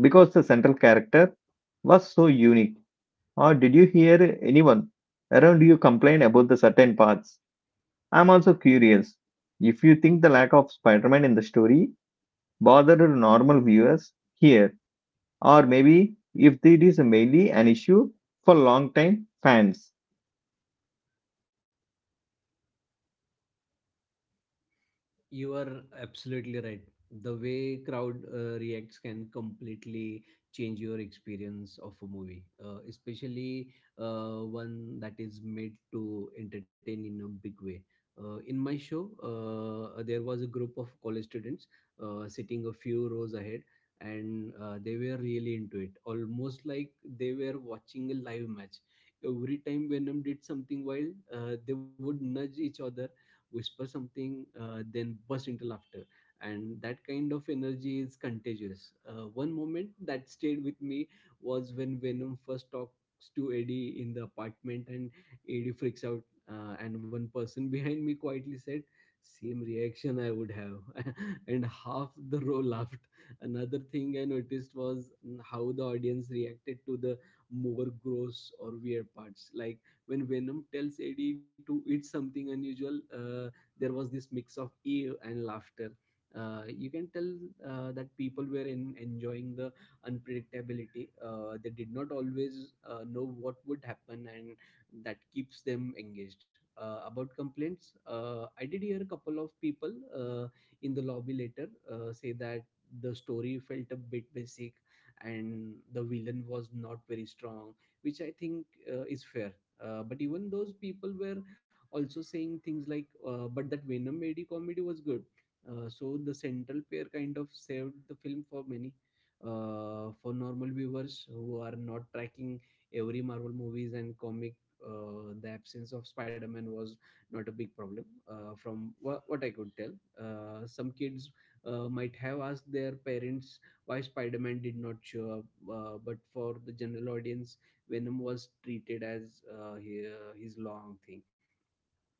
S1: because the central character was so unique? Or did you hear anyone around you complain about the certain parts? I'm also curious if you think the lack of Spider Man in the story bothered normal viewers here, or maybe if it is mainly an issue for long time fans.
S2: You are absolutely right. The way crowd uh, reacts can completely change your experience of a movie, uh, especially uh, one that is made to entertain in a big way. Uh, in my show, uh, there was a group of college students uh, sitting a few rows ahead, and uh, they were really into it, almost like they were watching a live match. Every time Venom did something wild, uh, they would nudge each other, whisper something, uh, then burst into laughter. And that kind of energy is contagious. Uh, one moment that stayed with me was when Venom first talks to Eddie in the apartment, and Eddie freaks out. Uh, and one person *laughs* behind me quietly said, "Same reaction I would have," *laughs* and half the row laughed. Another thing I noticed was mm, how the audience reacted to the more gross or weird parts, like when Venom tells Eddie to eat something unusual. Uh, there was this mix of awe and laughter. Uh, you can tell uh, that people were in, enjoying the unpredictability. Uh, they did not always uh, know what would happen, and that keeps them engaged. Uh, about complaints, uh, I did hear a couple of people uh, in the lobby later uh, say that the story felt a bit basic and the villain was not very strong, which I think uh, is fair. Uh, but even those people were also saying things like, uh, but that Venom A D comedy was good. Uh, so the central pair kind of saved the film for many, uh, for normal viewers who are not tracking every Marvel movies and comic. Uh, the absence of Spider-Man was not a big problem, uh, from what, what I could tell. Uh, some kids uh, might have asked their parents why Spider-Man did not show up, uh, but for the general audience, Venom was treated as uh, he- uh, his long thing.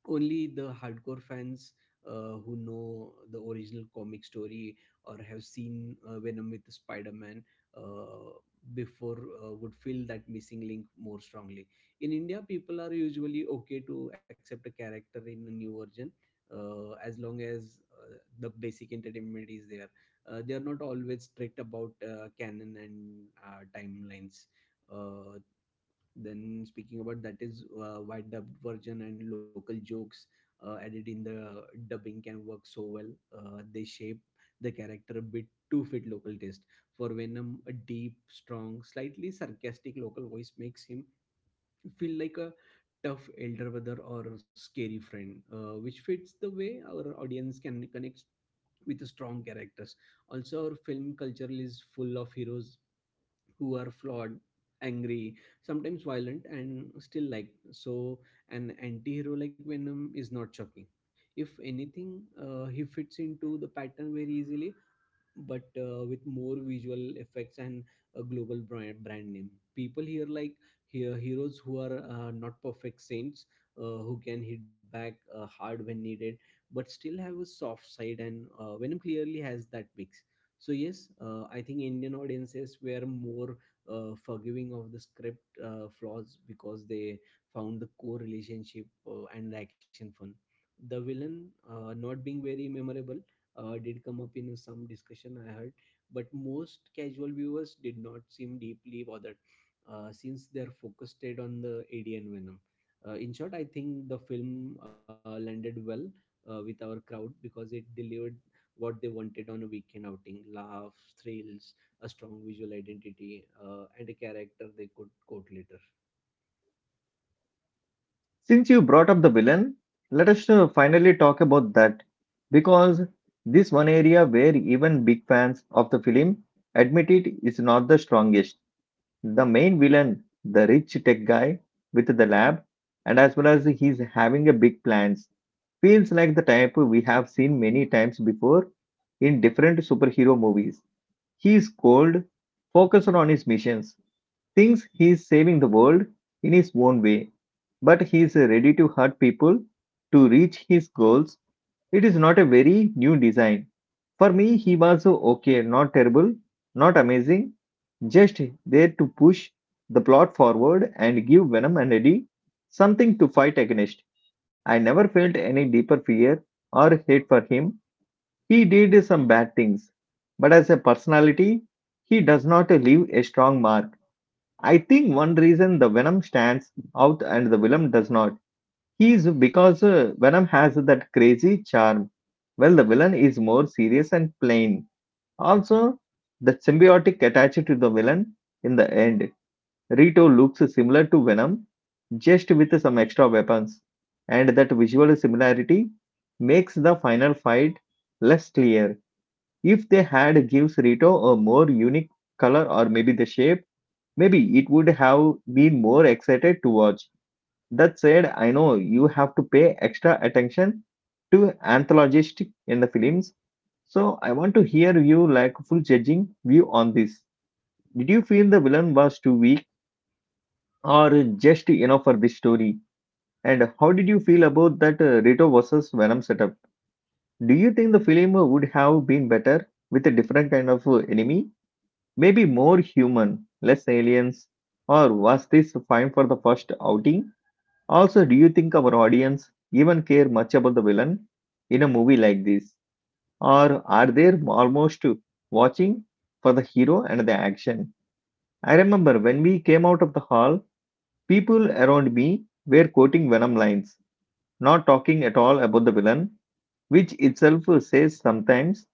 S2: Only the hardcore fans uh, who know the original comic story or have seen uh, Venom with Spider-Man uh, before uh, would feel that missing link more strongly. In India, people are usually okay to accept a character in a new version. Uh, as long as uh, the basic entertainment is there, uh, they are not always strict about uh, canon and uh, timelines. uh, then speaking about that is uh, why dubbed version and local jokes uh, added in the dubbing can work so well. Uh, they shape the character a bit to fit local taste. For Venom, a deep, strong, slightly sarcastic local voice makes him feel like a tough elder brother or a scary friend, uh, which fits the way our audience can connect with strong characters. Also, our film culture is full of heroes who are flawed, angry, sometimes violent and still like so. An anti-hero like Venom is not shocking. If anything, uh, he fits into the pattern very easily. But uh, with more visual effects and a global brand, brand name, people here like, here, heroes who are uh, not perfect saints, uh, who can hit back uh, hard when needed but still have a soft side. And uh, Venom clearly has that mix. So yes, uh, I think Indian audiences were more uh, forgiving of the script uh, flaws, because they found the core relationship uh, and the action fun. The villain uh, not being very memorable uh, did come up in some discussion I heard, but most casual viewers did not seem deeply bothered, uh, since their focus stayed on the AD and Venom. Uh, in short, I think the film uh, landed well uh, with our crowd because it delivered what they wanted on a weekend outing: laughs, thrills, a strong visual identity, uh, and a character they could quote later.
S1: Since you brought up the villain, let us uh, finally talk about that, because this one area where even big fans of the film admit it is not the strongest. The main villain, the rich tech guy with the lab, and as well as he's having a big plans, feels like the type we have seen many times before in different superhero movies. He is cold, focused on his missions, thinks he is saving the world in his own way, but he is ready to hurt people to reach his goals. It is not a very new design. For me, he was okay, not terrible, not amazing, just there to push the plot forward and give Venom and Eddie something to fight against. I never felt any deeper fear or hate for him. He did some bad things, but as a personality, he does not leave a strong mark. I think one reason the Venom stands out and the villain does not is because uh, Venom has that crazy charm. Well, the villain is more serious and plain. Also, the symbiotic attached to the villain in the end. Rito looks similar to Venom, just with some extra weapons, and that visual similarity makes the final fight less clear. If they had gives Rito a more unique color or maybe the shape, maybe it would have been more excited to watch. That said, I know you have to pay extra attention to anthologistic in the films, so I want to hear you like full judging view on this. Did you feel the villain was too weak or just enough for this story? And how did you feel about that uh, Rito versus Venom setup? Do you think the film would have been better with a different kind of uh, enemy? Maybe more human, less aliens? Or was this fine for the first outing? Also, do you think our audience even care much about the villain in a movie like this? Or are they almost watching for the hero and the action? I remember when we came out of the hall, people around me were quoting Venom lines, not talking at all about the villain, which itself says sometimes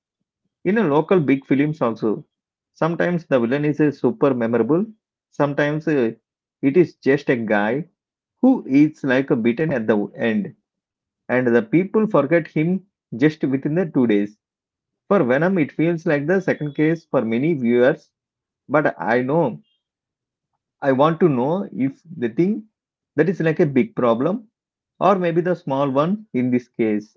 S1: in a local big films also. Sometimes the villain is uh, super memorable, sometimes uh, it is just a guy who eats like a beaten at the end, and the people forget him just within the two days. For Venom, it feels like the second case for many viewers, but I know I want to know if they think that is like a big problem or maybe the small one in this case.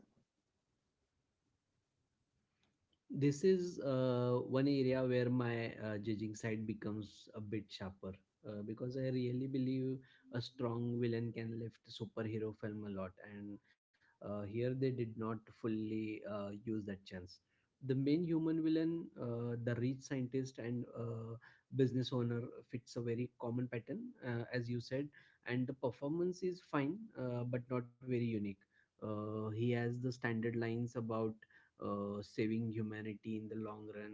S2: This is uh, one area where my uh, judging side becomes a bit sharper uh, because I really believe a strong villain can lift superhero film a lot, and uh, here they did not fully uh, use that chance. The main human villain, uh, the rich scientist and uh, business owner, fits a very common pattern, uh, as you said, and the performance is fine, uh, but not very unique. Uh, he has the standard lines about uh, saving humanity in the long run,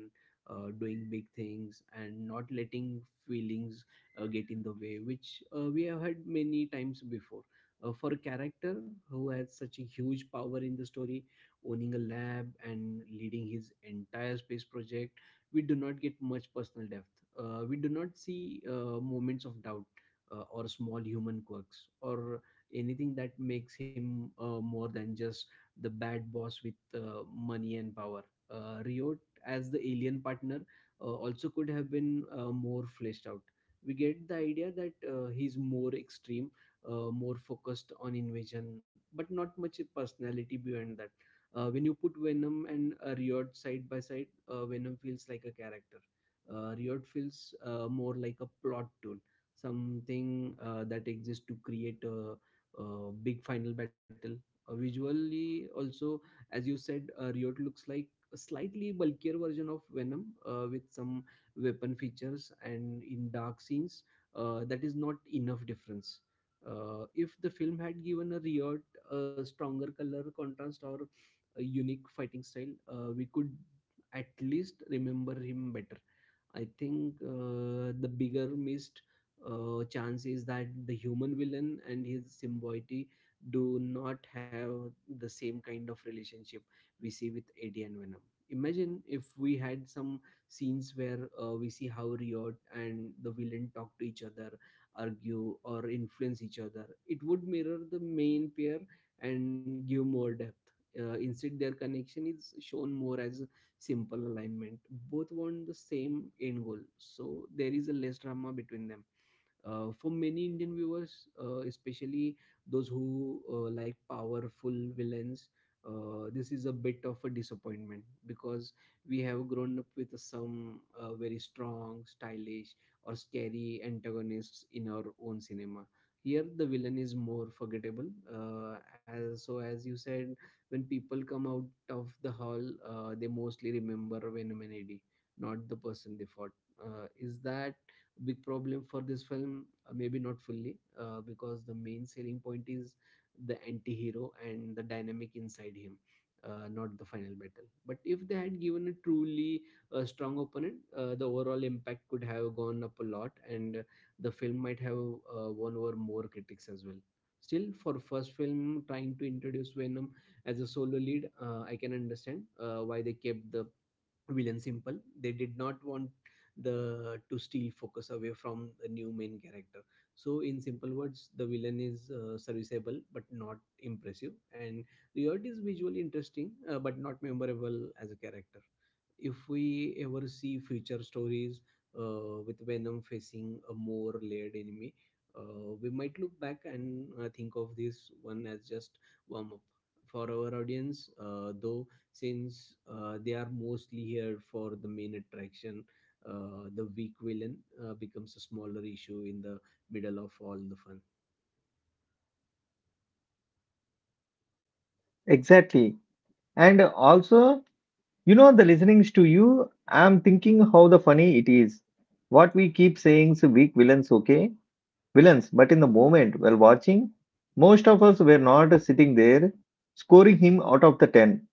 S2: uh, doing big things, and not letting feelings uh, get in the way, which uh, we have had many times before. Uh, for a character who has such a huge power in the story, owning a lab and leading his entire space project, we do not get much personal depth. Uh, we do not see uh, moments of doubt uh, or small human quirks or anything that makes him uh, more than just the bad boss with uh, money and power. Uh, Riot, as the alien partner, uh, also could have been uh, more fleshed out. We get the idea that uh, he's more extreme, uh, more focused on invasion, but not much personality beyond that. Uh, when you put Venom and uh, Riot side by side, uh, Venom feels like a character. Uh, Riot feels uh, more like a plot tool, something uh, that exists to create a, a big final battle. Uh, visually also, as you said, uh, Riot looks like a slightly bulkier version of Venom uh, with some weapon features, and in dark scenes, uh, that is not enough difference. Uh, if the film had given a Riot a stronger color contrast or a unique fighting style, uh, we could at least remember him better. I think uh, the bigger missed uh, chance is that the human villain and his symbiote do not have the same kind of relationship we see with Eddie and Venom. Imagine if we had some scenes where uh, we see how Riot and the villain talk to each other, argue, or influence each other. It would mirror the main pair and give more depth. Uh, instead, their connection is shown more as simple alignment. Both want the same end goal, so there is a less drama between them. Uh, for many Indian viewers, uh, especially those who uh, like powerful villains, uh, this is a bit of a disappointment because we have grown up with some uh, very strong, stylish, or scary antagonists in our own cinema. Here, the villain is more forgettable. Uh, as, so, as you said, when people come out of the hall, uh, they mostly remember Venom and Eddie, not the person they fought. Uh, is that big problem for this film? Uh, maybe not fully, uh, because the main selling point is the anti-hero and the dynamic inside him, uh, not the final battle. But if they had given a truly uh, strong opponent, uh, the overall impact could have gone up a lot, and uh, the film might have uh, won over more critics as well. Still, for first film trying to introduce Venom as a solo lead, uh, I can understand uh, why they kept the villain simple. They did not want the to steal focus away from the new main character. So, in simple words, the villain is uh, serviceable but not impressive, and Riot is visually interesting uh, but not memorable as a character. If we ever see future stories uh, with Venom facing a more layered enemy, uh, we might look back and uh, think of this one as just warm up for our audience. Uh, though, since uh, they are mostly here for the main attraction, uh, the weak villain uh, becomes a smaller issue in the middle of all the fun.
S1: Exactly. And also, you know, the listenings to you, I'm thinking how the funny it is. What we keep saying is weak villains, okay? Villains, but in the moment while watching, most of us were not sitting there scoring him out of the ten.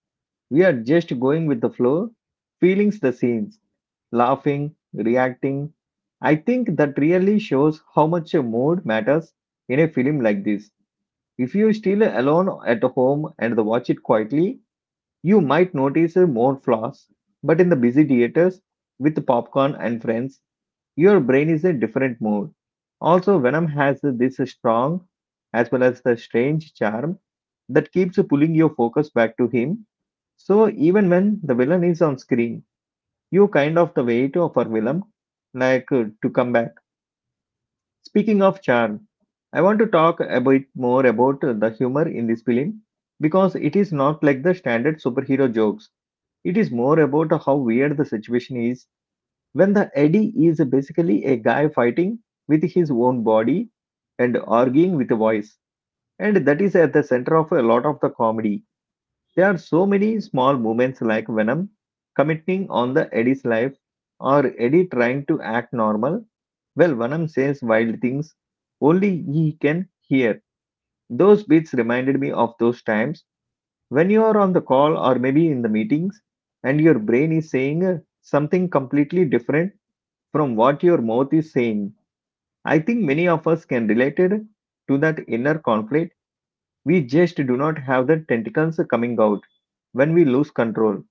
S1: We are just going with the flow, feelings the scenes, laughing, reacting. I think that really shows how much a mood matters in a film like this. If you're still alone at home and watch it quietly, you might notice more flaws. But in the busy theaters with popcorn and friends, your brain is in a different mood. Also, Venom has this strong as well as the strange charm that keeps pulling your focus back to him. So even when the villain is on screen, you kind of the wait for Willem, like uh, to come back. Speaking of charm, I want to talk a bit more about uh, the humor in this film because it is not like the standard superhero jokes. It is more about how weird the situation is when the Eddie is basically a guy fighting with his own body and arguing with a voice, and that is at the center of a lot of the comedy. There are so many small moments like Venom commenting on the Eddie's life or Eddie trying to act normal. Well, Venom says wild things only he can hear. Those bits reminded me of those times when you are on the call or maybe in the meetings and your brain is saying uh, something completely different from what your mouth is saying. I think many of us can relate it to that inner conflict. We just do not have the tentacles coming out when we lose control.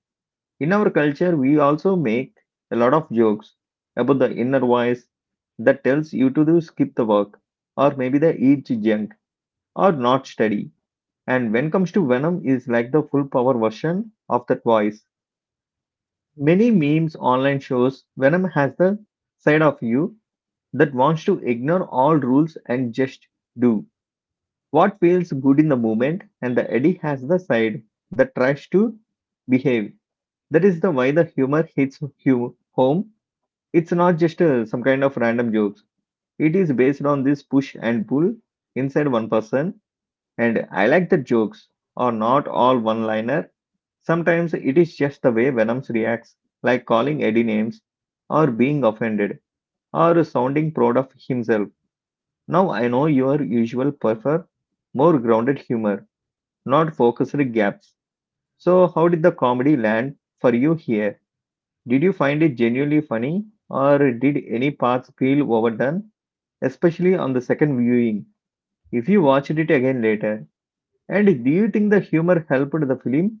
S1: In our culture, we also make a lot of jokes about the inner voice that tells you to do skip the work, or maybe the eat junk, or not study. And when comes to Venom, is like the full power version of that voice. Many memes online shows Venom has the side of you that wants to ignore all rules and just do what feels good in the moment, and the Eddie has the side that tries to behave. That is the why the humor hits hu- home It's not just uh, some kind of random jokes. It is based on this push and pull inside one person. And I like that jokes are not all one liner. Sometimes it is just the way Venoms reacts, like calling Eddie names, or being offended, or sounding proud of himself. Now I know your usual prefer more grounded humor, not focused gaps. So, how did the comedy land for you here? Did you find it genuinely funny, or did any parts feel overdone, especially on the second viewing, if you watched it again later? And do you think the humor helped the film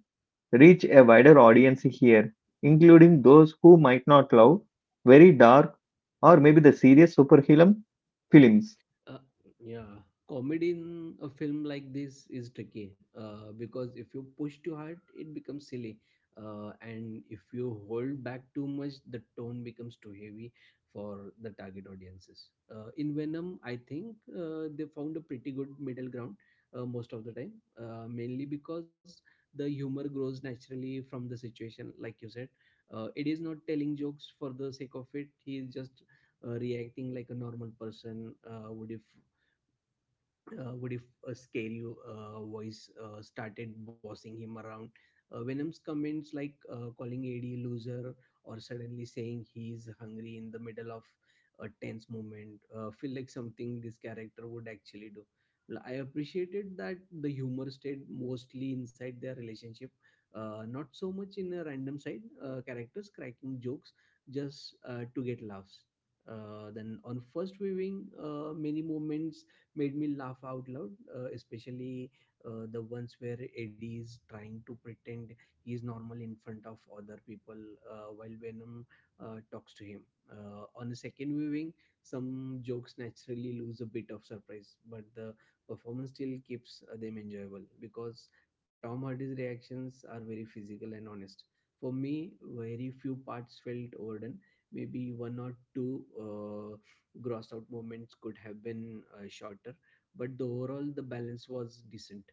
S1: reach a wider audience here, including those who might not love very dark or maybe the serious superhero films?
S2: Uh, yeah, comedy in a film like this is tricky uh, because if you push too hard, it becomes silly. Uh, and if you hold back too much, the tone becomes too heavy for the target audiences. Uh, in Venom, I think uh, they found a pretty good middle ground uh, most of the time, uh, mainly because the humor grows naturally from the situation, like you said. Uh, it is not telling jokes for the sake of it, he is just uh, reacting like a normal person uh, would if uh, what if a scary uh, voice uh, started bossing him around? Uh, Venom's comments, like uh, calling A D loser or suddenly saying he's hungry in the middle of a tense moment, uh, feel like something this character would actually do. Well, I appreciated that the humor stayed mostly inside their relationship, uh, not so much in a random side uh, characters cracking jokes just uh, to get laughs. Uh, then on first viewing, uh, many moments made me laugh out loud, uh, especially uh, the ones where Eddie is trying to pretend he is normal in front of other people uh, while Venom uh, talks to him. Uh, on a second viewing, some jokes naturally lose a bit of surprise, but the performance still keeps uh, them enjoyable because Tom Hardy's reactions are very physical and honest. For me, very few parts felt overdone. Maybe one or two uh, gross out moments could have been uh, shorter, but the overall the balance was decent.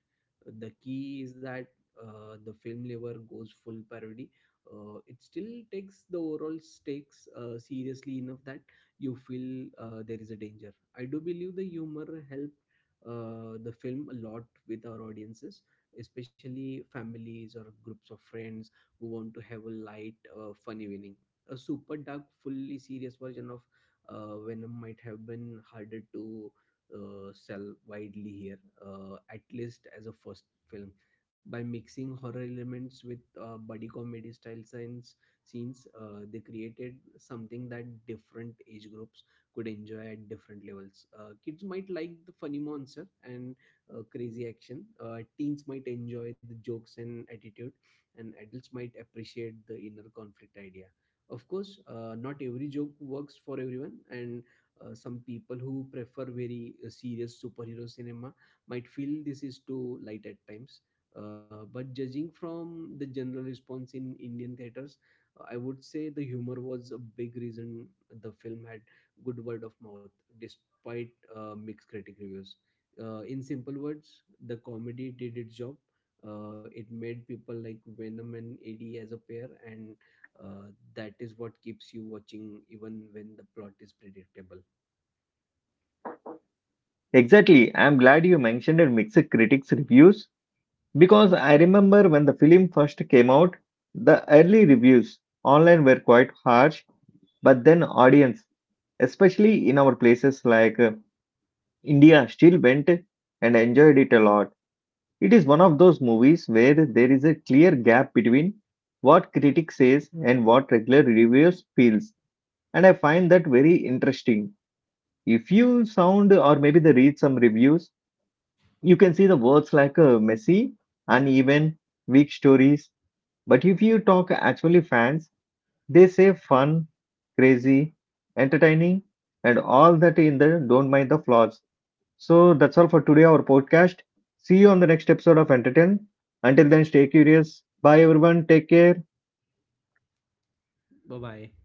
S2: The key is that uh, the film never goes full parody. Uh, it still takes the overall stakes uh, seriously enough that you feel uh, there is a danger. I do believe the humor helped uh, the film a lot with our audiences, especially families or groups of friends who want to have a light, uh, fun evening. A super dark, fully serious version of uh, Venom might have been harder to uh, sell widely here, uh, at least as a first film. By mixing horror elements with uh, buddy comedy style science scenes, uh, they created something that different age groups could enjoy at different levels. Uh, kids might like the funny monster and uh, crazy action. Uh, teens might enjoy the jokes and attitude, and adults might appreciate the inner conflict idea. Of course, uh, not every joke works for everyone, and uh, some people who prefer very uh, serious superhero cinema might feel this is too light at times. Uh, but judging from the general response in Indian theaters, uh, I would say the humor was a big reason the film had good word of mouth, despite uh, mixed critic reviews. Uh, in simple words, the comedy did its job. Uh, it made people like Venom and A D as a pair, and uh, that is what keeps you watching even when the plot is predictable.
S1: Exactly, I'm glad you mentioned mixed critics' reviews because I remember when the film first came out, the early reviews online were quite harsh, but then audience, especially in our places like uh, India, still went and enjoyed it a lot. It is one of those movies where there is a clear gap between what critics says and what regular reviewers feels, and I find that very interesting. If you sound or maybe they read some reviews, you can see the words like uh, messy, uneven, weak stories. But if you talk actually fans, they say fun, crazy, entertaining, and all that in the don't mind the flaws. So that's all for today, our podcast. See you on the next episode of Entertain. Until then, stay curious. Bye, everyone. Take care.
S2: Bye bye.